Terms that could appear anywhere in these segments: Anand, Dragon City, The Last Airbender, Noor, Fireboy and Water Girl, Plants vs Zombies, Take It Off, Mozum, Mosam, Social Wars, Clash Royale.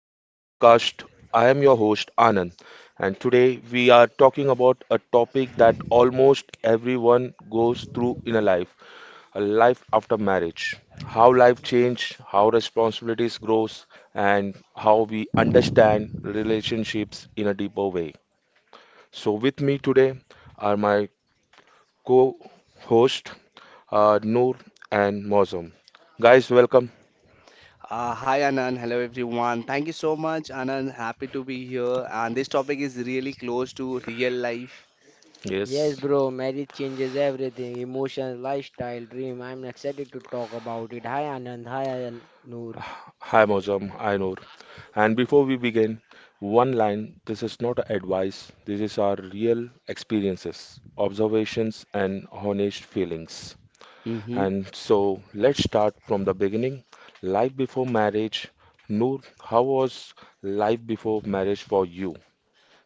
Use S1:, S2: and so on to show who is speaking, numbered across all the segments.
S1: back to the podcast. I am your host Anand, and today we are talking about a topic that almost everyone goes through in a life after marriage. How life changes, how responsibilities grows, and how we understand relationships in a deeper way. So with me today are my co-host Noor and Mozum. Guys, welcome.
S2: Hi Anand, hello everyone. Thank you so much, Anand. Happy to be here. And this topic is really close to real life.
S1: Yes.
S3: Yes, bro, marriage changes everything emotions, lifestyle, dream. I'm excited to talk about it. Hi, Anand. Hi, Noor.
S1: Hi, Mozam. I Noor. And before we begin, one line this is not advice, this is our real experiences, observations, and honest feelings.
S2: hmm
S1: And so let's start from the beginning. Life before marriage. Noor, how was life before marriage for you?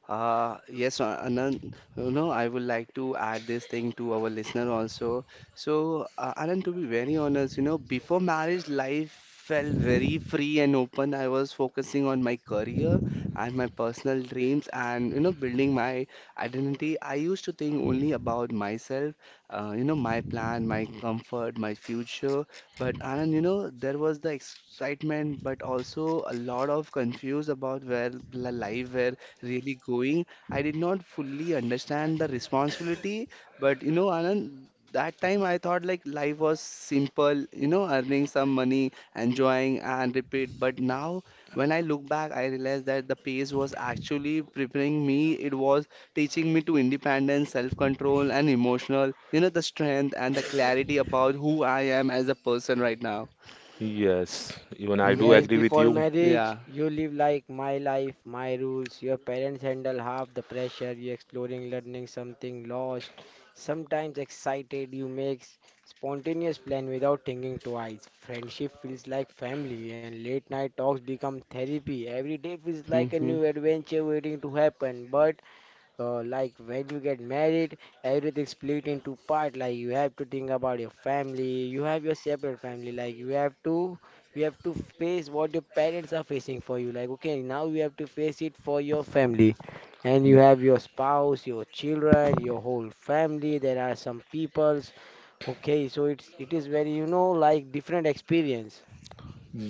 S2: Yes, Anand, you know, I would like to add this thing to our listener also. Anand, to be very honest, you know, before marriage, life felt very free and open. I was focusing on my career and my personal dreams and, you know, building my identity. I used to think only about myself, you know, my plan, my comfort, my future. But, Anand, you know, there was the excitement, but also a lot of confused about where the life where really going. I did not fully understand the responsibility, but you know, Anand, that time I thought like life was simple, you know, earning some money, enjoying and repeat. But now when I look back, I realized that the pace was actually preparing me. It was teaching me to independence, self-control, and emotional, you know, the strength and the clarity about who I am as a person right now.
S1: Yes, even I do
S2: hmm
S3: Yes,
S1: agree with
S3: before
S1: you.
S3: marriage,
S2: Yeah.
S3: you live like my life, my rules. Your parents handle half the pressure. You're exploring, learning something, lost, sometimes excited. You make spontaneous plan without thinking twice. Friendship feels like family, and late night talks become therapy. Every day feels like a
S2: hmm
S3: new adventure waiting to happen. But like when you get married, everything split into part. Like you have to think about your family. You have your separate family. Like you have to face what your parents are facing for you. Like okay, now you have to face it for your family, and you have your spouse, your children, your whole family. There are some peoples. Okay, so it is very like different experience.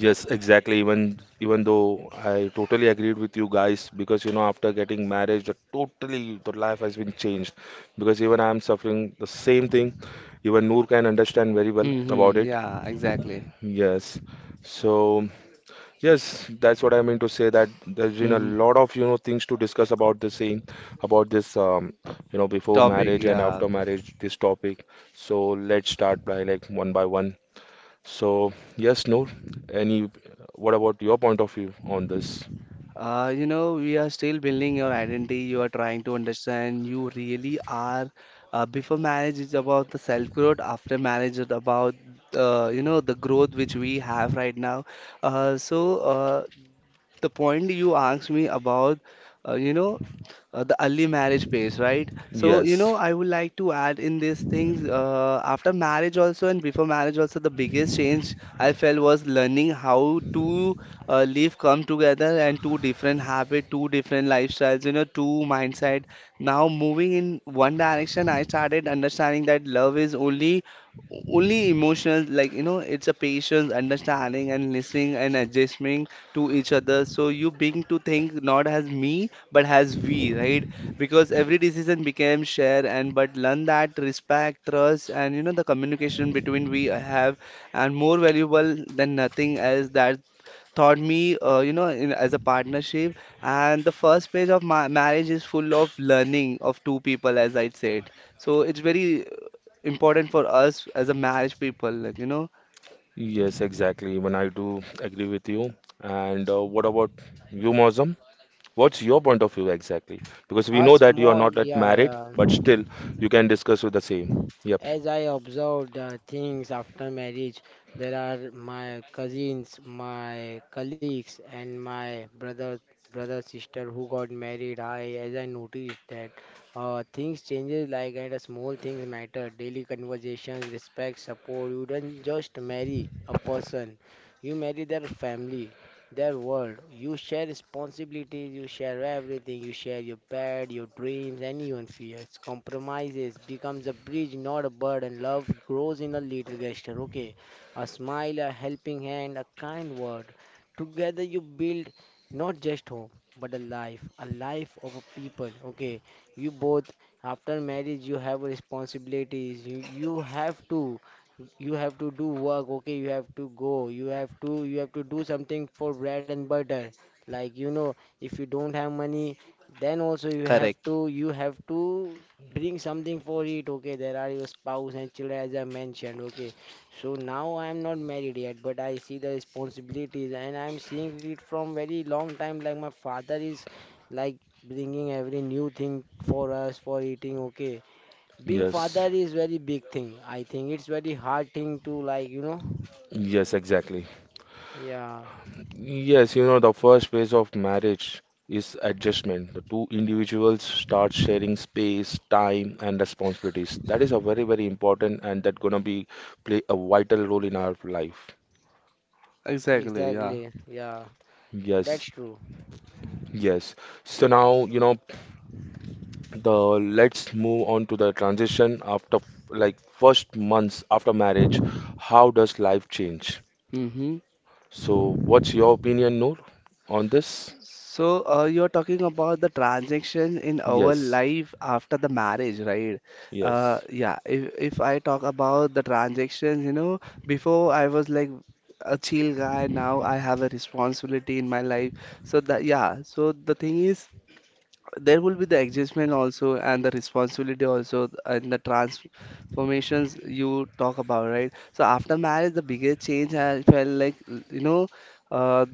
S1: Yes, exactly. Even though I totally agreed with you guys, because you know, after getting married, the totally the life has been changed. Because even I'm suffering the same thing. Even Noor can understand very well about it.
S2: Yeah, exactly.
S1: Yes. So yes, that's what I mean to say that there's been a
S2: hmm
S1: lot of you know things to discuss about the same, about this you know before
S2: Topic,
S1: marriage and
S2: yeah.
S1: after marriage this topic. So let's start by like one by one. So, yes, Noor, any what about your point of view on this?
S2: You know, we are still building your identity. You are trying to understand you really are. Before marriage is about the self growth. After marriage is about you know the growth which we have right now. Uh, so uh, the point you asked me about, you know, the early marriage phase, right? So, you
S1: Yes,
S2: know, I would like to add in these things after marriage also and before marriage also, the biggest change I felt was learning how to live come together and two different habit, two different lifestyles, you know, two mindset. Now moving in one direction, I started understanding that love is only emotions like you know it's a patience understanding and listening and adjusting to each other. So you begin to think not as me, but as we, right? Because every decision became share and but learn that respect, trust, and you know the communication between we have and more valuable than nothing else that taught me you know in, as a partnership and the first page of my marriage is full of learning of two people as I said, so it's very important for us as a marriage people like you know.
S1: yes, exactly. Even I do agree with you. And what about you, Mozam? What's your point of view exactly? Because we
S3: A
S1: know that you are
S3: small,
S1: not yet
S3: yeah,
S1: married, but
S3: yeah.
S1: still you can discuss with the same. Yep.
S3: As I observed things after marriage, there are my cousins, my colleagues, and my brother, sister who got married. As I noticed that things changes like that. Small things matter. Daily conversations, respect, support. You don't just marry a person, you marry their family, their world. You share responsibilities, you share everything, you share your bed, your dreams, and fears. Compromises becomes a bridge, not a burden. Love grows in a little gesture, okay? A smile, a helping hand, a kind word. Together you build not just home, but a life of a people, okay? You both, after marriage, you have responsibilities. You have to do work, okay? You have to go, you have to do something for bread and butter, like, if you don't have money, then also you have
S2: Correct.
S3: to you have to bring something for it, okay? There are your spouse and children, as I mentioned, okay. So now I am not married yet, but I see the responsibilities, and I am seeing it from very long time, like my father is like bringing every new thing for us for eating, okay. Being
S1: Yes.
S3: father is very big thing. I think it's very hard thing to.
S1: Yes, exactly.
S3: Yeah,
S1: Yes, you know, the first phase of marriage is adjustment. The two individuals start sharing space, time, and responsibilities. That is a very, very important and that gonna be play a vital role in our life.
S2: Exactly, yeah.
S3: exactly. Yeah, that's
S1: Yes,
S3: true.
S1: yes. So now, you know, the let's move on to the transition after like first months after marriage. How does life change?
S2: Mm-hmm.
S1: So what's your opinion, Noor, on this?
S2: You're talking about the transaction in our
S1: Yes,
S2: life after the marriage, right? Uh,
S1: yes.
S2: yeah, if, if I talk about the transactions, you know, before I was like a chill guy, now I have a responsibility in my life. So that, yeah, so the thing is, there will be the adjustment also and the responsibility also and the transformations you talk about, right? So after marriage, the biggest change I felt like, you know, uh,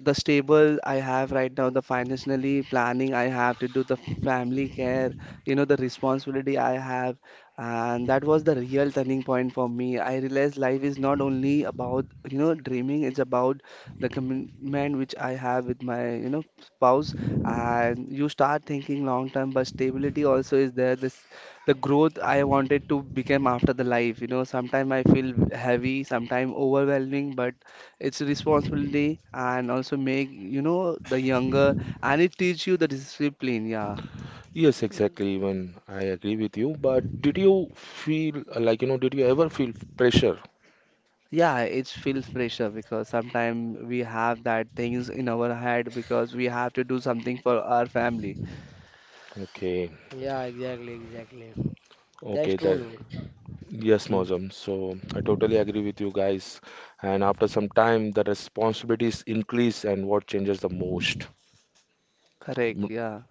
S2: the stable I have right now, the financially planning I have to do, the family care, you know, the responsibility I have. And that was the real turning point for me. I realized life is not only about, you know, dreaming, it's about the commitment which I have with my, you know, spouse. And you start thinking long term, but stability also is there. This, the growth I wanted to become after the life, you know, sometimes I feel heavy, sometimes overwhelming, but it's a responsibility and also make, you know, the younger and it teach you the discipline, yeah.
S1: Yes, exactly, even I agree with you. But did you feel like, you know, did you ever feel pressure?
S2: Yeah, it feels pressure because sometimes we have that things in our head because we have to do something for our family.
S1: Okay,
S3: Yeah, exactly, exactly.
S1: okay,
S3: That's true.
S1: that, yes,
S2: Mm,
S1: Mozam. So I totally agree with you guys. And after some time, the responsibilities increase, and what changes the most?
S2: correct,
S1: M-
S2: yeah.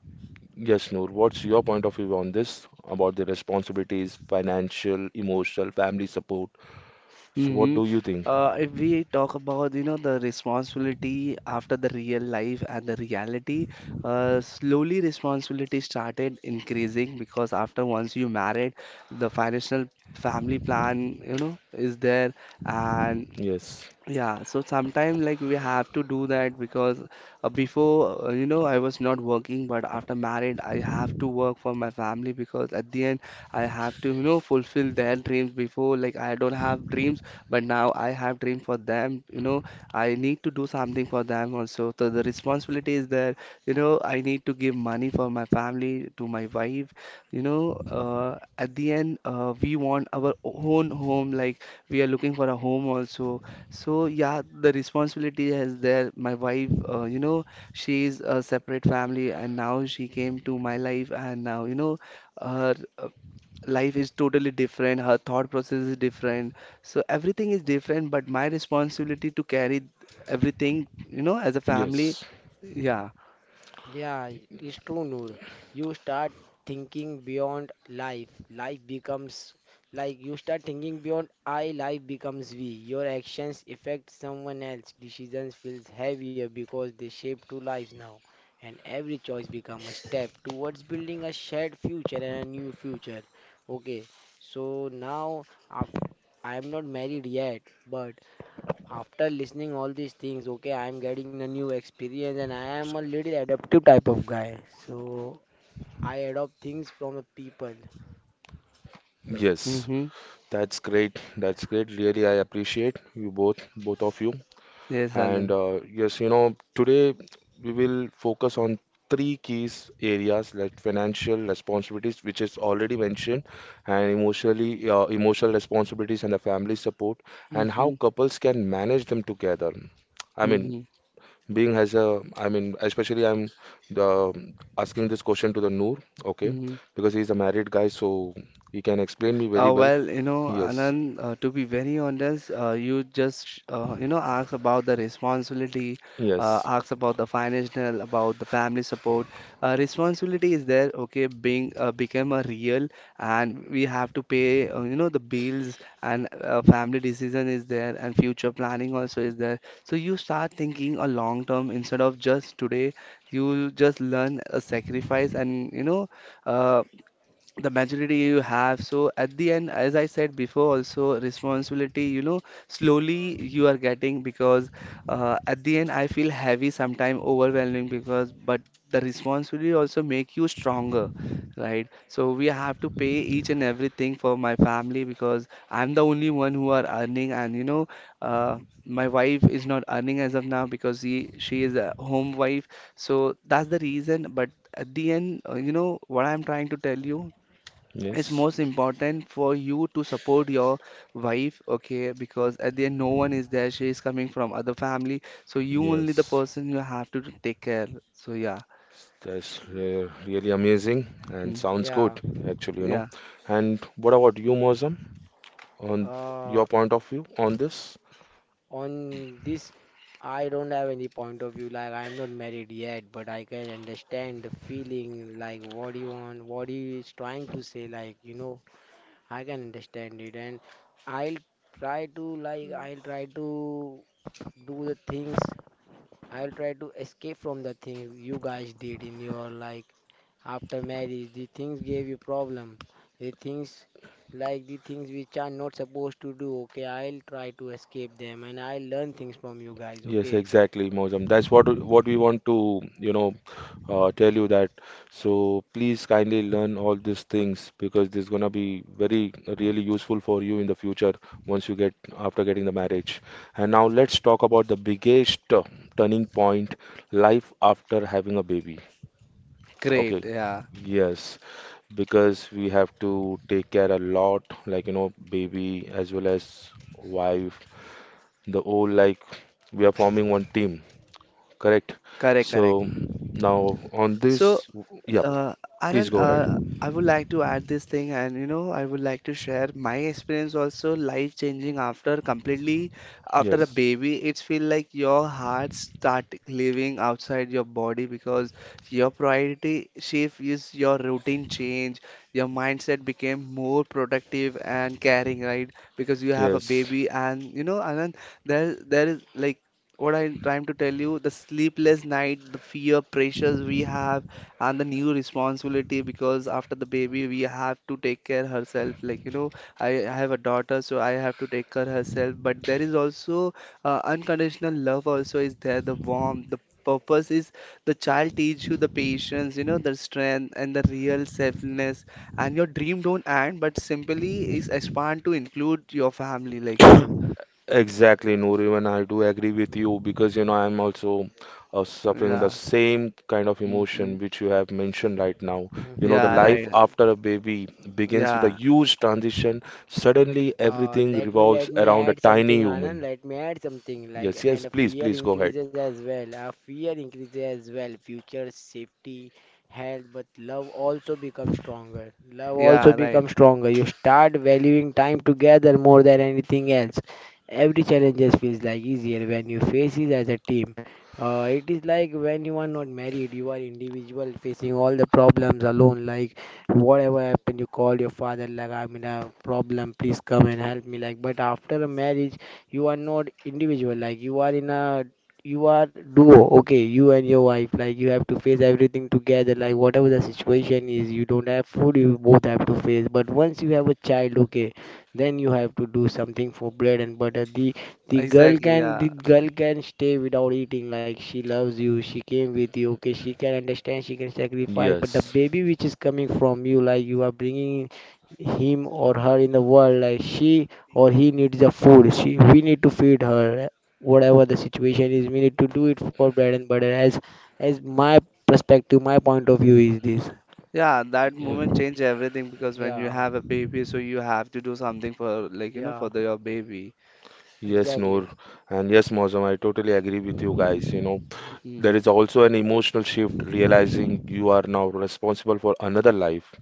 S1: Yes, Noor, what's your point of view on this about the responsibilities, financial, emotional, family support? So what
S2: hmm
S1: do you think?
S2: If we talk about, you know, the responsibility after the real life and the reality, slowly responsibility started increasing because after once you married, the financial family plan, you know, is there, and
S1: Yes,
S2: yeah, so sometimes like we have to do that because before you know I was not working, but after married I have to work for my family because at the end I have to you know fulfill their dreams. Before like I don't have dreams, but now I have dream for them. You know I need to do something for them also. So the responsibility is there. You know I need to give money for my family to my wife. You know at the end we want our own home. Like we are looking for a home also, so yeah, the responsibility is there. My wife, you know, she's a separate family, and now she came to my life, and now you know, her life is totally different. Her thought process is different. So everything is different, but my responsibility to carry everything, you know, as a family.
S1: yes,
S2: Yeah.
S3: Yeah, it's true, Noor. You start thinking beyond life. Life becomes, like, you start thinking beyond I, life becomes we. Your actions affect someone else. Decisions feels heavier because they shape two lives now. And every choice become a step towards building a shared future and a new future. Okay, so now I am not married yet, but after listening all these things, okay, I am getting a new experience, and I am a little adaptive type of guy. So I adopt things from the people.
S1: yes.
S2: Mm-hmm.
S1: That's great. That's great. Really, I appreciate you both, both of you.
S2: Yes,
S1: And
S2: Anand.
S1: yes, you know, today we will focus on three keys areas like financial responsibilities, which is already mentioned, and emotionally, emotional responsibilities and the family support, and how
S2: Mm-hmm.
S1: couples can manage them together. I mean,
S2: Mm-hmm.
S1: being as a, I mean, especially I'm the, asking this question to the Noor, okay,
S2: Mm-hmm.
S1: because he's a married guy, so he can explain me very well.
S2: Well, you know,
S1: Yes.
S2: Anand, to be very honest, you just, you know, asked about the responsibility,
S1: Yes,
S2: asked about the financial, about the family support. Responsibility is there, okay, being become a real, and we have to pay, you know, the bills and family decision is there, and future planning also is there. So you start thinking a long term instead of just today. You just learn a sacrifice, and you know, uh, the majority you have so at the end as I said before also responsibility you know slowly you are getting because at the end I feel heavy sometimes overwhelming because but the responsibility also make you stronger, right? So we have to pay each and everything for my family because I'm the only one who are earning and you know uh, my wife is not earning as of now because she is a home wife, so that's the reason, but at the end you know what I'm trying to tell you, it's
S1: yes,
S2: most important for you to support your wife, okay, because at the end no one is there, she is coming from other family so you only the
S1: yes.
S2: person you have to take care. So yeah.
S1: That's re really amazing and
S2: Hmm.
S1: sounds
S3: Yeah.
S1: good, actually, you know.
S2: Yeah.
S1: And what about you, Mozam, on
S3: Uh,
S1: your point of view on this?
S3: on this, I don't have any point of view. Like, I'm not married yet, but I can understand the feeling. Like, what do you want, what he is trying to say. Like, I can understand it, and I'll I'll try to do the things. I'll try to escape from the things you guys did in your, like, after marriage. The things gave you problem. The things the things which are not supposed to do. Okay, I'll try to escape them, and I'll learn things from you guys.
S1: Yes,
S3: Okay.
S1: exactly, Mojam. That's what we want to, you know, tell you that. So please kindly learn all these things because this is gonna be very really useful for you in the future once you get after getting the marriage. And now let's talk about the biggest turning point, life after having a baby. Okay.
S2: Great, yeah.
S1: Yes, because we have to take care a lot, like you know, baby as well as wife. The whole like we are forming one team. Correct.
S2: Correct, correct.
S1: So now on
S2: So,
S1: this, yep,
S2: uh,
S1: please
S2: Anand,
S1: go ahead.
S2: I would like to add this thing, and you know, I would like to share my experience also life changing after completely after a
S1: Yes,
S2: baby. It's feel like your heart start living outside your body because your priority shift is your routine change. Your mindset became more productive and caring, right? Because you have a
S1: yes,
S2: baby, and you know, Anand, there is like what I'm trying to tell you, the sleepless night, the fear pressures we have, and the new responsibility because after the baby we have to take care herself. Like you know, I have a daughter, so I have to take care herself. But there is also unconditional love. Also is there the warmth, the purpose is the child teach you the patience, you know, the strength and the real selfness. And your dream don't end, but simply is expand to include your family. Like you know,
S1: exactly, Noor. Even I do agree with you because you know I'm also suffering the
S2: yeah.
S1: same kind of
S2: hmm
S1: emotion which you have mentioned right now. You know, the
S2: yeah,
S3: Mm-hmm.
S1: life
S2: right.
S1: after a baby begins with a
S2: Yeah,
S1: huge transition. Suddenly,
S3: Uh,
S1: everything
S3: let me
S1: revolves
S3: let me
S1: around a
S3: add
S1: tiny
S3: something, Anand.
S1: human.
S3: Let me add something,
S1: Yes,
S3: like,
S1: yes,
S3: and a
S1: please,
S3: fear
S1: please go ahead.
S3: increases as well. Our fear increases as well. Future safety, health, but love also becomes stronger. Love also
S2: yeah, right.
S3: becomes stronger. You start valuing time together more than anything else. Every challenge just feels like easier when you face it as a team. It is like when you are not married, you are individual facing all the problems alone. Like, whatever happened, you call your father, like, I'm in a problem, please come and help me, like, but after a marriage, you are not individual, like, you are duo, okay, you and your wife, like, you have to face everything together, like, whatever the situation is, you don't have food, you both have to face. But once you have a child, okay, then you have to do something for bread and butter. the the girl
S2: Exactly,
S3: can the
S2: yeah.
S3: girl can stay without eating. Like, she loves you, she came with you. Okay, she can understand, she can sacrifice. But the
S1: Yes,
S3: baby which is coming from you, like, you are bringing him or her in the world, like, she or he needs the food. She we need to feed her. Whatever the situation is, we need to do it for bread and butter. As my perspective, my point of view is this.
S2: Yeah, that
S1: y-
S2: moment changed everything because when you
S3: Yeah,
S2: have a baby, so you have to do something for like, you know,
S3: yeah,
S2: for the, your baby.
S1: yes,
S3: exactly.
S1: Noor, and yes, Mozam, I totally agree with you guys. You know, there
S2: Mhm.
S1: is also an emotional shift realizing you are now responsible for another life.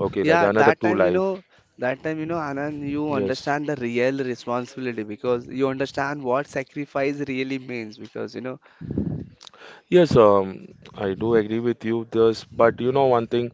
S1: Okay, like
S2: Yeah,
S1: another
S2: that
S1: two
S2: time, you
S1: life.
S2: know, that time, you know, Anand, you
S1: Yes.
S2: understand the real responsibility because you understand what sacrifice really means because, you know,
S1: Yes, I do agree with you this, but you know one thing,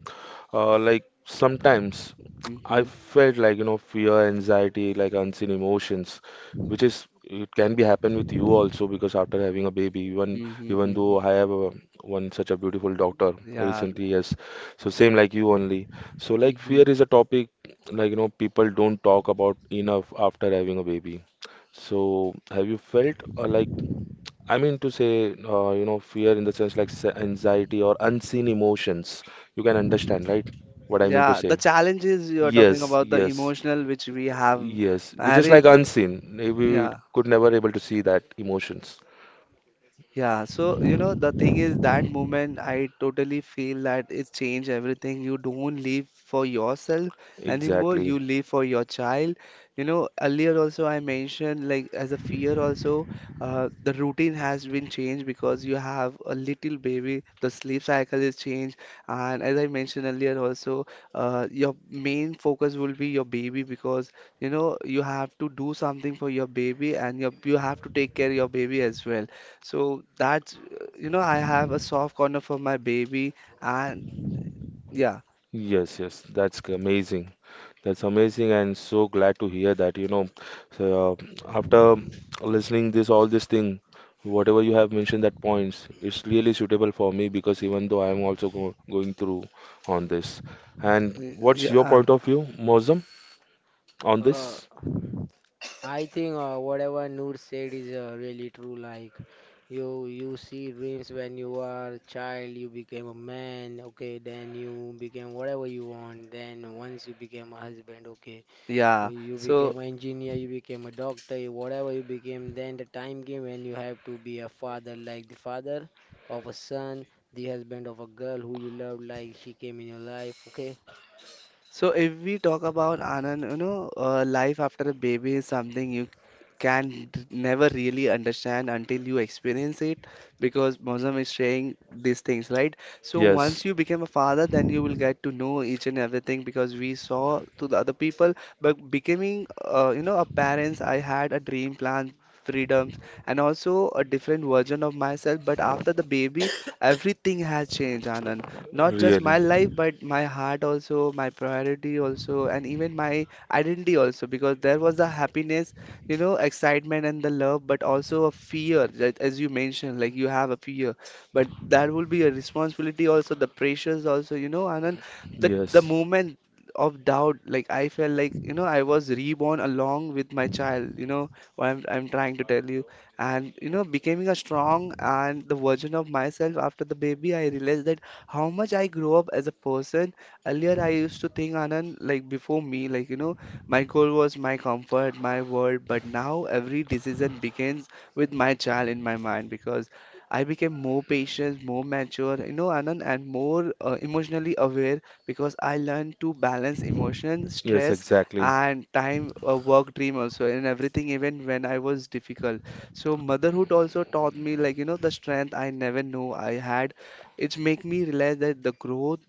S1: like sometimes
S2: hmm
S1: I
S2: hmm
S1: felt like you know fear, anxiety, like unseen emotions, which is it can be happen with you also because after having a baby, even though
S2: hmm
S1: I have a, one such a beautiful daughter
S2: yeah.
S1: recently, yes, so same like you only. So like fear
S2: hmm
S1: is a topic like you know people don't talk about enough after having a baby. So have you felt like I mean to say, you know, fear in the sense like anxiety or unseen emotions. You can understand, right? What I mean to
S2: Yeah, the
S1: say.
S2: challenges you are talking
S1: Yes,
S2: about, the
S1: yes,
S2: emotional which we have,
S1: yes. It's just like
S2: marriage,
S1: unseen. We
S2: yeah.
S1: could never able to see that emotions.
S2: Yeah, so you know the thing is that moment I totally feel that it changed everything. You don't live for yourself anymore,
S1: Exactly.
S2: you live for your child. You know, earlier also I mentioned like as a fear also, the routine has been changed because you have a little baby, the sleep cycle is changed, and as I mentioned earlier also, your main focus will be your baby because you know you have to do something for your baby and your, you have to take care of your baby as well. So that's, you know, I have a soft corner for my baby and yeah,
S1: Yes, yes, that's amazing. That's amazing, and so glad to hear that. You know, so, after listening this all this thing, whatever you have mentioned that points, it's really suitable for me because even though I am also go going through on this. And
S2: y-
S1: what's your
S2: yeah,
S1: point of view, Mozam, on
S3: Uh,
S1: this?
S3: I think whatever Noor said is really true. Like, you see dreams when you are a child, you became a man. Okay, then you became whatever you want. Then once you became a husband, okay,
S2: yeah.
S3: you
S2: So,
S3: became an engineer, you became a doctor, whatever you became. Then the time came when you have to be a father, like the father of a son, the husband of a girl who you love, like she came in your life. Okay,
S2: so if we talk about Anand, you know, life after a baby is something you can never really understand until you experience it because Mosam is saying these things, right? So
S1: Yes,
S2: once you become a father, then you will get to know each and everything because we saw to the other people. But becoming, you know, a parent, I had a dream plan. Freedoms and also a different version of myself, but after the baby, everything has changed, Anand. Not just my
S1: really.
S2: life, but my heart also, my priority also, and even my identity also, because there was the happiness, you know, excitement and the love, but also a fear. That, as you mentioned, like you have a fear, but that will be a responsibility also, the pressures also, you know, Anand, the
S1: Yes,
S2: moment of doubt. Like I felt like, you know, I was reborn along with my child. You know what I'm trying to tell you? And you know, becoming a strong and the version of myself after the baby, I realized that how much I grow up as a person. Earlier, I used to think, Anand, like before me, like, you know, my goal was my comfort, my world, but now every decision begins with my child in my mind, because I became more patient, more mature, you know, Anand, and more emotionally aware, because I learned to balance emotion,
S1: yes,
S2: stress,
S1: exactly.
S2: and time, work, dream also, and everything, even when I was difficult. So motherhood also taught me, like, you know, the strength I never knew I had. It's make me realize that the growth,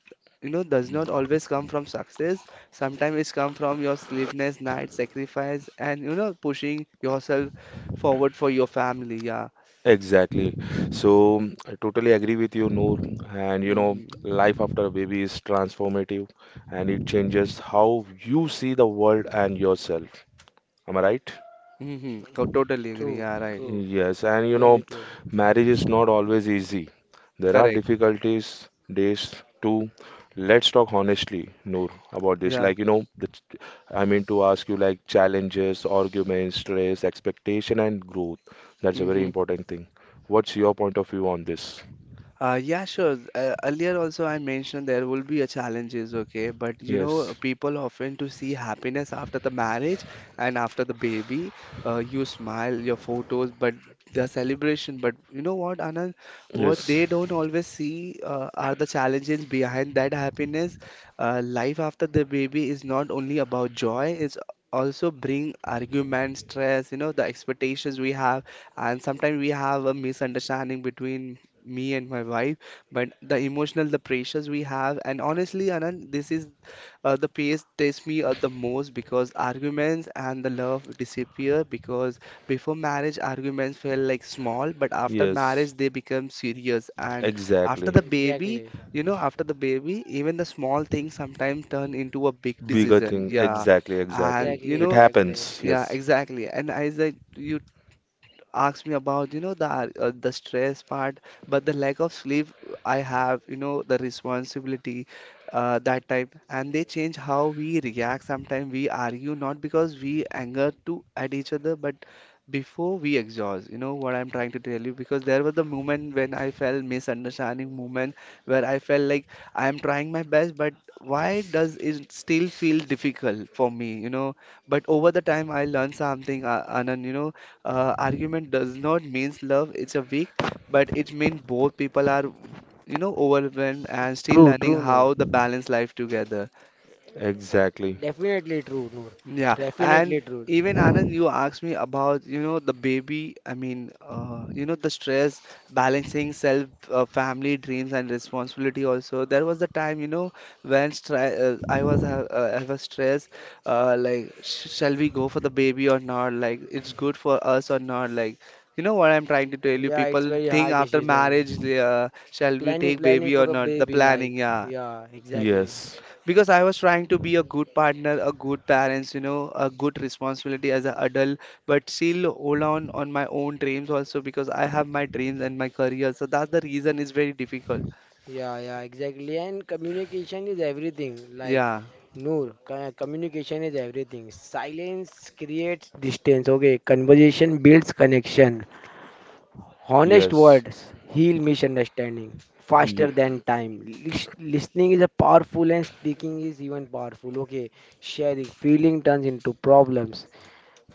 S2: you know, does not always come from success. Sometimes it's come from your sleepless night sacrifice and, you know, pushing yourself forward for your family. Yeah.
S1: Exactly. So mm, I totally agree with you, Noor. And you know,
S2: Mm-hmm.
S1: life after a baby is transformative and it changes how you see the world and yourself. Am I right?
S2: Mm-hmm, totally agree.
S3: true,
S2: Yeah, right.
S3: true,
S1: Yes. And you know,
S3: really true.
S1: marriage is not always easy. There are
S2: Correct.
S1: difficulties, days too. Let's talk honestly, Noor, about this.
S2: Yeah.
S1: Like, you know, I mean to ask you like challenges, arguments, stress, expectation, and growth. That's a very
S2: Mm-hmm.
S1: important thing. What's your point of view on this?
S2: Yeah, sure. Earlier also I mentioned there will be a challenges, okay? But you
S1: Yes.
S2: know, people often to see happiness after the marriage and after the baby. You smile, your photos, but the celebration. But you know what, Anand? What
S1: Yes.
S2: they don't always see are the challenges behind that happiness. Life after the baby is not only about joy. It's also bring argument, stress, you know, the expectations we have, and sometimes we have a misunderstanding between me and my wife. But the emotional, the pressures we have, and honestly, Anand, this is the pace tests me the most, because arguments and the love disappear. Because before marriage, arguments felt like small, but after
S1: Yes.
S2: marriage, they become serious. And after
S1: Exactly.
S2: the baby,
S3: Exactly,
S2: you know, after the baby, even the small things sometimes turn into a big
S1: Bigger
S2: decision.
S1: thing.
S2: Yeah,
S1: Exactly.
S2: and
S1: Exactly.
S3: exactly,
S2: you
S1: It
S2: know,
S3: exactly.
S1: happens.
S2: yeah,
S1: Yes.
S2: exactly. And I like you asked me about, you know, the the stress part, but the lack of sleep I have, you know, the responsibility that time, and they change how we react. Sometimes we argue not because we anger to at each other, but before we exhaust. You know what I'm trying to tell you? Because there was the moment when I felt misunderstanding moment where I felt like I am trying my best, but why does it still feel difficult for me? You know, but over the time I learned something, Anand, you know, argument does not means love it's a weak, but it means both people are, you know, overwhelmed and still
S3: True,
S2: learning
S3: true, Noor.
S2: how the balance life together.
S3: It-
S1: Exactly.
S3: Definitely true, Noor.
S2: Yeah,
S3: Definitely
S2: and
S3: true.
S2: even Anand, you asked me about, you know, the baby, I mean, you know, the stress, balancing self, family, dreams, and responsibility also. There was the time, you know, when stre I was stressed, like, sh shall we go for the baby or not? Like, it's good for us or not? Like, you know what I'm trying to tell you?
S3: Yeah, it's
S2: People
S3: very
S2: think
S3: hard
S2: after
S3: decision.
S2: marriage, they, shall we
S3: Planning,
S2: take
S3: planning
S2: baby or
S3: for a
S2: not? The
S3: baby,
S2: planning,
S3: like,
S2: yeah.
S3: yeah, exactly.
S1: Yes.
S2: Because I was trying to be a good partner, a good parents, you know, a good responsibility as an adult, but still hold on my own dreams also, because I have my dreams and my career. So that's the reason it's very difficult.
S3: Yeah, yeah, exactly. And communication is everything. Like,
S2: Yeah.
S3: Noor, communication is everything. Silence creates distance. Okay, conversation builds connection. Honest
S1: Yes.
S3: words heal misunderstanding faster
S1: Ye-
S3: than time. Listening is a powerful and speaking is even powerful. Okay, sharing feeling turns into problems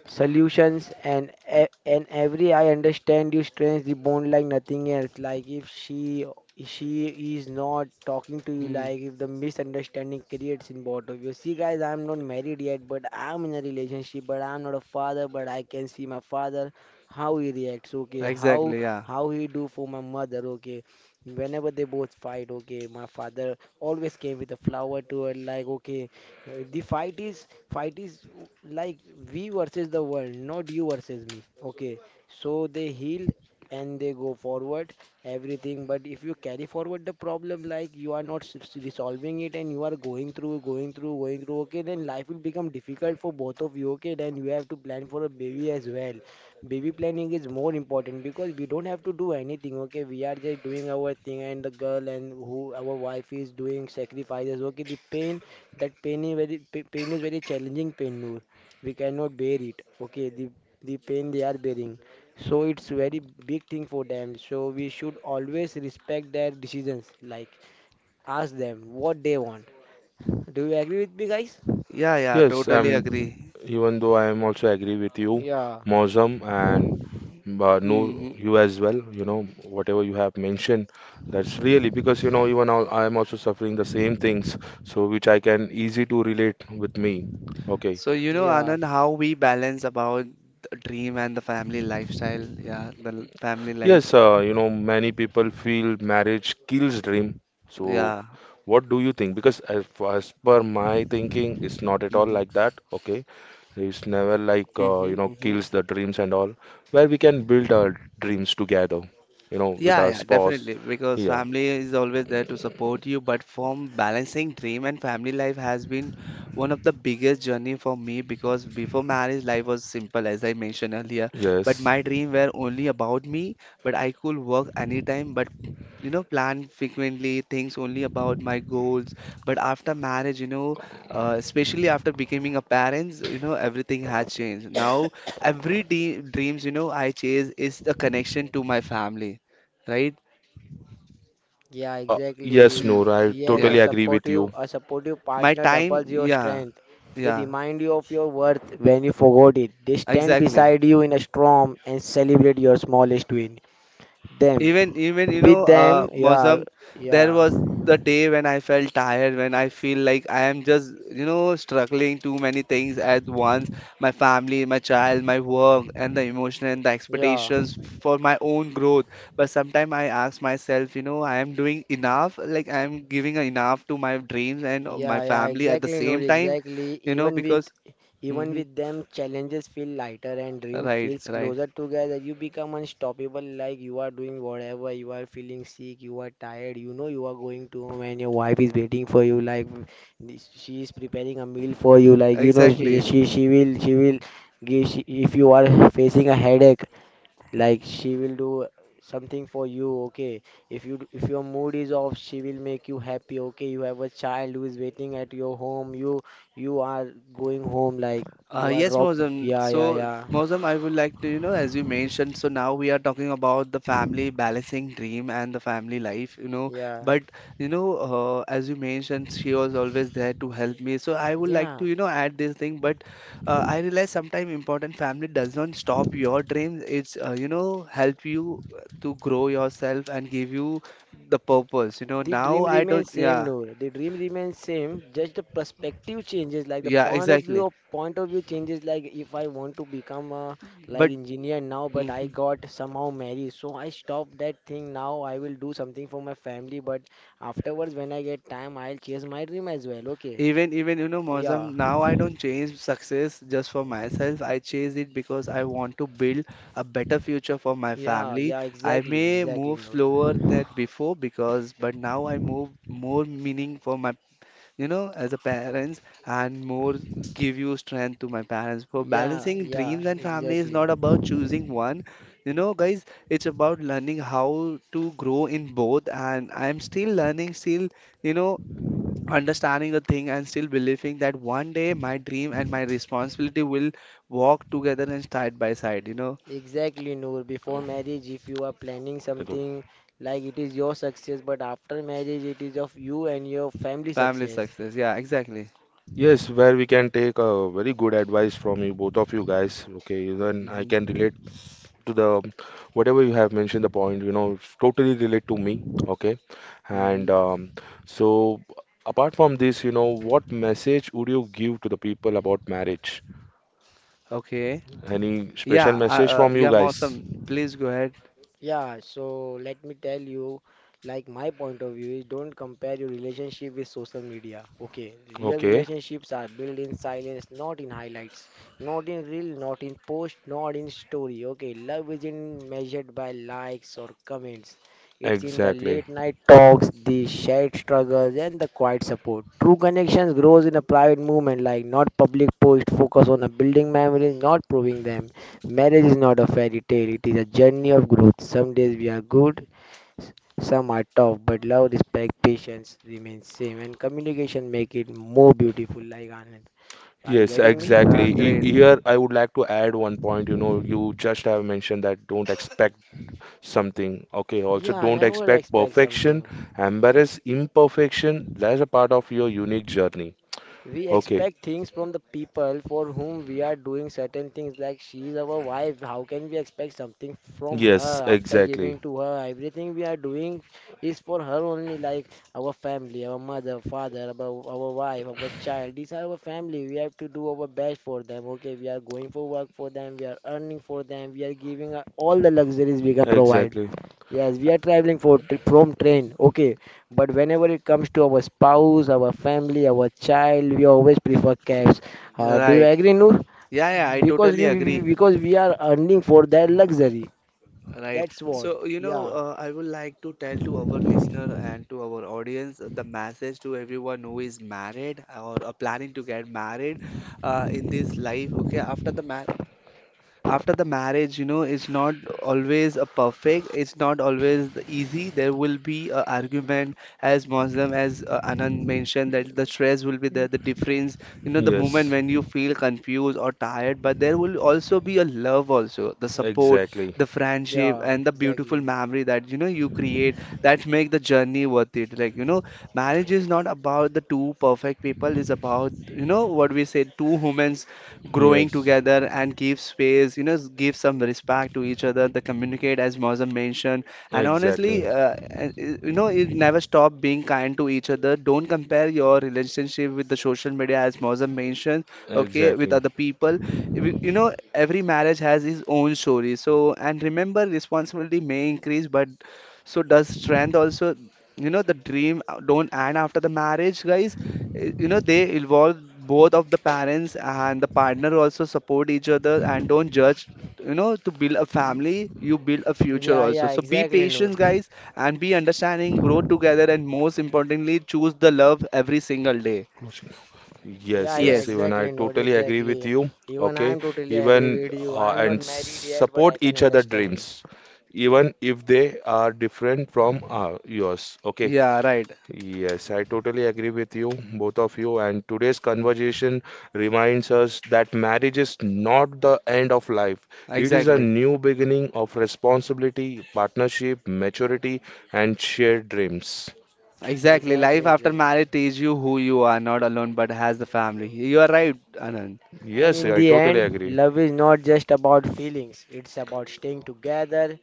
S3: solutions, and and every I understand you strains the bond like nothing else. Like, if she is not talking to you,
S2: Mm.
S3: like, if the misunderstanding creates in both of you. See, guys, I'm not married yet, but I'm in a relationship, but I'm not a father, but I can see my father, how he reacts, okay, how
S2: Exactly. Yeah.
S3: how he do for my mother, okay, whenever they both fight. Okay, my father always came with a flower to her, like, okay. The fight is like, we versus the world, not you versus me. Okay, so they heal and they go forward everything. But if you carry forward the problem, like, you are not resolving it, and you are going through, going through, going through. Okay, then life will become difficult for both of you. Okay, then you have to plan for a baby as well. Baby planning is more important because we don't have to do anything. Okay, we are just doing our thing, and the girl and who our wife is, doing sacrifices. Okay, the pain that pain is very pa- pain is very challenging pain, Noor. We cannot bear it, okay? The pain they are bearing, so it's very big thing for them, so we should always respect their decisions, like, ask them what they want. Do you agree with me, guys?
S2: Yeah. Yeah,
S1: Yes.
S2: totally
S1: I'm.
S2: agree.
S1: Even though I am also agree with you,
S3: Yeah,
S1: Mozam and Noor,
S2: Hmm.
S1: you as well. You know whatever you have mentioned. That's really because you know even I am also suffering the same things. So which I can easy to relate with me. Okay.
S2: So you know,
S3: yeah,
S2: Anand, how we balance about the dream and the family lifestyle. Yeah, the family life.
S1: Yes, you know, many people feel marriage kills dream. So,
S2: Yeah.
S1: what do you think? Because as per my thinking, it's not at all
S2: Mm-hmm.
S1: like that. Okay, it's never like you know
S2: Mm-hmm. Mm-hmm.
S1: kills the dreams and all, where we can build our dreams together. You know, with
S2: Yeah,
S1: our
S2: yeah,
S1: spouse.
S2: definitely. Because
S1: Yeah.
S2: family is always there to support you, but from balancing dream and family life has been one of the biggest journey for me. Because before marriage life was simple, as I mentioned earlier, but
S1: Yes.
S2: my dream were only about me, but I could work anytime, but, you know, plan frequently things only about my goals. But after marriage, you know, especially after becoming a parent, you know, everything has changed now. Every de dreams, you know, I chase is the connection to my family, right?
S3: yeah,
S1: Yes,
S3: exactly.
S2: Mm,
S1: Noor, I
S3: Yes, a
S1: totally
S2: yeah.
S1: agree with
S3: supportive
S1: you.
S3: a supportive
S2: My
S3: partner
S2: time,
S3: doubles your
S2: yeah,
S3: strength. They
S2: yeah,
S3: remind you of your worth when you forgot it. They stand
S2: exactly.
S3: beside you in a storm and celebrate your smallest win them
S2: Even, even, you
S3: with
S2: know,
S3: them Yeah,
S2: Mosam, there
S3: yeah.
S2: was the day when I felt tired, when I feel like I am just, you know, struggling too many things at once. My family, my child, my work, and the emotion and the
S3: Yeah,
S2: expectations for my own growth. But sometimes I ask myself, you know, I am doing enough, like I am giving enough to my dreams and my
S3: yeah, yeah,
S2: family at the
S3: exactly, no,
S2: same time,
S3: exactly,
S2: you know,
S3: even with
S2: because.
S3: even
S2: Mhm.
S3: with them, challenges feel lighter and dream
S2: Right,
S3: feels
S2: right.
S3: closer together. You become unstoppable. Like, you are doing whatever, you are feeling sick, you are tired, you are going to home and your wife is waiting for you. Like, she is preparing a meal for you, like, she
S2: Exactly.
S3: she, she will she will give she, if you are facing a headache, like, she will do something for you, okay? If your mood is off, she will make you happy, okay? You have a child who is waiting at your home. You are going home, like, you are
S2: Yes,
S3: dropped.
S2: Mozam.
S3: Yeah, yeah,
S2: So,
S3: yeah,
S2: Mozam, I would like to, you know, as you mentioned, so now we are talking about the family balancing dream and the family life, you know.
S3: yeah,
S2: But, you know, as you mentioned, she was always there to help me. So, I would like
S3: yeah.
S2: to, you know, add this thing. But I realize sometimes important family does not stop your dreams. It's, you know, help you to grow yourself and give you the purpose. You know,
S3: The dream
S2: now I don't,
S3: remains same,
S2: yeah,
S3: Noor. The dream remains same. Just the perspective changes, like the
S2: yeah,
S3: point of view
S2: exactly.
S3: of point of view changes. Like, if I want to become a, like,
S2: But,
S3: engineer now, but I
S2: mhm.
S3: got somehow married, so I stop that thing now. I will do something for my family, but afterwards when I get time, I'll chase my dream as well. Okay.
S2: Even, even, you know,
S3: Yeah.
S2: Mozam, now I don't chase success just for myself. I chase it because I want to build a better future for my
S3: Yeah.
S2: family.
S3: Yeah.
S2: I
S3: Exactly.
S2: may
S3: Exactly,
S2: move
S3: Noor.
S2: slower than before, because but now I move more meaning for my, you know, as a parents and more give you strength to my parents. For
S3: Yeah.
S2: balancing
S3: Yeah.
S2: dreams and family is
S3: Exactly.
S2: not about choosing one. You know, guys, it's about learning how to grow in both, and I'm still learning, still, you know, understanding the thing and still believing that one day my dream and my responsibility will walk together and side by side, you know,
S3: Exactly, Noor. Before marriage, if you are planning something, like, it is your success, but after marriage, it is of you and your family
S2: family
S3: success.
S2: success. Yeah, exactly.
S1: Yes, where we can take a very good advice from you, both of you guys. Okay, even I
S2: Hmm.
S1: can relate to the whatever you have mentioned the point, you know, it's totally relate to me. Okay.
S2: Hmm.
S1: And so apart from this, you know, what message would you give to the people about marriage?
S2: Okay.
S1: Any
S2: Yeah,
S1: special message from you
S2: yeah,
S1: guys?
S2: Mausam, please go ahead.
S3: Yeah, so let me tell you, like, my point of view is, don't compare your relationship with social media. Okay, real
S1: Okay.
S3: relationships are built in silence, not in highlights, not in reel, not in post, not in story. Okay, love isn't measured by likes or comments. It's in the
S1: Exactly.
S3: late night talks, the shared struggles, and the quiet support. True connections grows in a private movement, like not public post, focus on a building memories, not proving them. Marriage is not a fairy tale, it is a journey of growth. Some days we are good, s- some are tough, but love, respect, patience remain same and communication make it more beautiful, like, Anand. Are you
S1: Yes,
S3: getting me?
S2: Yeah,
S1: exactly.
S2: great.
S1: Here, I would like to add one point. You know, you just have mentioned that don't expect something. Okay, also
S3: Yeah, I
S1: don't
S3: never
S1: expect
S3: expect
S1: perfection.
S3: something.
S1: Embrace imperfection. That's a part of your unique journey.
S3: We
S1: Okay.
S3: expect things from the people for whom we are doing certain things, like she is our wife. How can we expect something from her
S1: Yes,
S3: after
S1: exactly.
S3: giving to her? Everything we are doing is for her only, like our family, our mother, father, our wife, our child. These are our family. We have to do our best for them. Okay, we are going for work for them, we are earning for them, we are giving all the luxuries we can provide.
S1: Exactly.
S3: Yes, we are traveling for from train, okay. But whenever it comes to our spouse, our family, our child, we always prefer cabs. Do you
S2: Right.
S3: agree, Noor?
S2: Yeah, yeah, I
S3: Because
S2: totally
S3: we, we
S2: agree.
S3: we- because we are earning for that luxury.
S2: Right.
S3: That's what.
S2: So, you know,
S3: Yeah,
S2: I would like to tell to our listener and to our audience the message to everyone who is married or planning to get married in this life. Okay, after the ma after the marriage, you know, is not always a perfect. It's not always the easy. There will be a argument, as Muslim, as Anand mentioned, that the stress will be there, the difference, you know, the moment
S1: Yes,
S2: when you feel confused or tired. But there will also be a love, also the support,
S1: exactly.
S2: the friendship,
S3: yeah,
S2: and the beautiful
S3: exactly.
S2: memory that, you know, you create that make the journey worth it. Like, you know, marriage is not about the two perfect people. It's about, you know, what we say, two humans growing
S1: Yes,
S2: together and give space, you know, give some respect to each other, the communicate as Mozam mentioned. And
S1: exactly.
S2: honestly, you know, it never stop being kind to each other. Don't compare your relationship with the social media as Mozam mentioned, okay, with
S1: Exactly.
S2: other people. You know, every marriage has its own story. So, and remember, responsibility may increase, but so does strength also. You know, the dream don't end after the marriage, guys. You know, they involve both of the parents, and the partner also support each other and don't judge. You know, to build a family you build a future
S3: Yeah,
S2: also,
S3: yeah,
S2: so be
S3: exactly, Noor.
S2: patient, guys, and be understanding, grow together, and most importantly, choose the love every single day.
S1: Closing.
S3: Yeah,
S1: Yes,
S3: yeah,
S1: yes,
S2: Yes.
S1: even I
S3: exactly, Noor.
S1: totally agree with
S3: Exactly.
S1: you.
S3: Even I
S1: Okay,
S3: am totally
S1: even
S3: agree with you. I am not
S1: and
S3: married yet, but
S1: support
S3: I can
S1: each other
S3: understand.
S1: dreams, even if they are different from yours. Okay.
S2: Yeah, right.
S1: Yes, I totally agree with you, both of you. And today's conversation reminds us that marriage is not the end of life. It is a
S2: Exactly.
S1: new beginning of responsibility, partnership, maturity, and shared dreams.
S2: Exactly, life
S3: Exactly,
S2: after
S3: exactly.
S2: marriage teaches you who you are not alone, but has the family you are right, Anand.
S3: And
S1: Yes,
S3: in
S1: I
S3: the
S1: totally
S3: end,
S1: agree.
S3: love is not just about feelings. It's about staying together,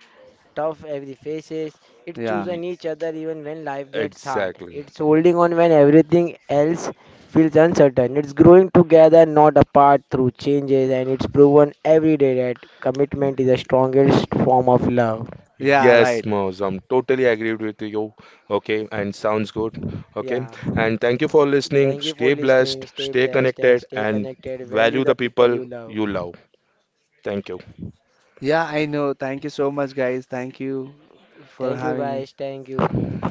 S3: tough every faces. It's
S2: Yeah.
S1: Ye-
S3: choosing each other even when life gets hard.
S1: Exactly.
S3: It's holding on when everything else feels uncertain. It's growing together, not apart through changes. And it's proven every day that commitment is the strongest form of love.
S2: Yeah,
S1: Yes,
S2: right.
S1: Moz, I'm totally agreed with you. Okay, and sounds good. Okay,
S3: Yeah.
S1: and thank you for listening.
S3: Thank you for
S1: Stay
S3: listening.
S1: blessed,
S3: Stay
S1: stay
S3: blessed and
S1: connected,
S3: stay
S1: and
S3: connected. Value
S1: value
S3: the
S1: the
S3: people
S1: people
S3: you love.
S1: you love. Thank you.
S2: Yeah, I know, thank you so much, guys. Thank you for
S3: Thank you,
S2: having
S3: guys.
S2: me.
S3: Thank you.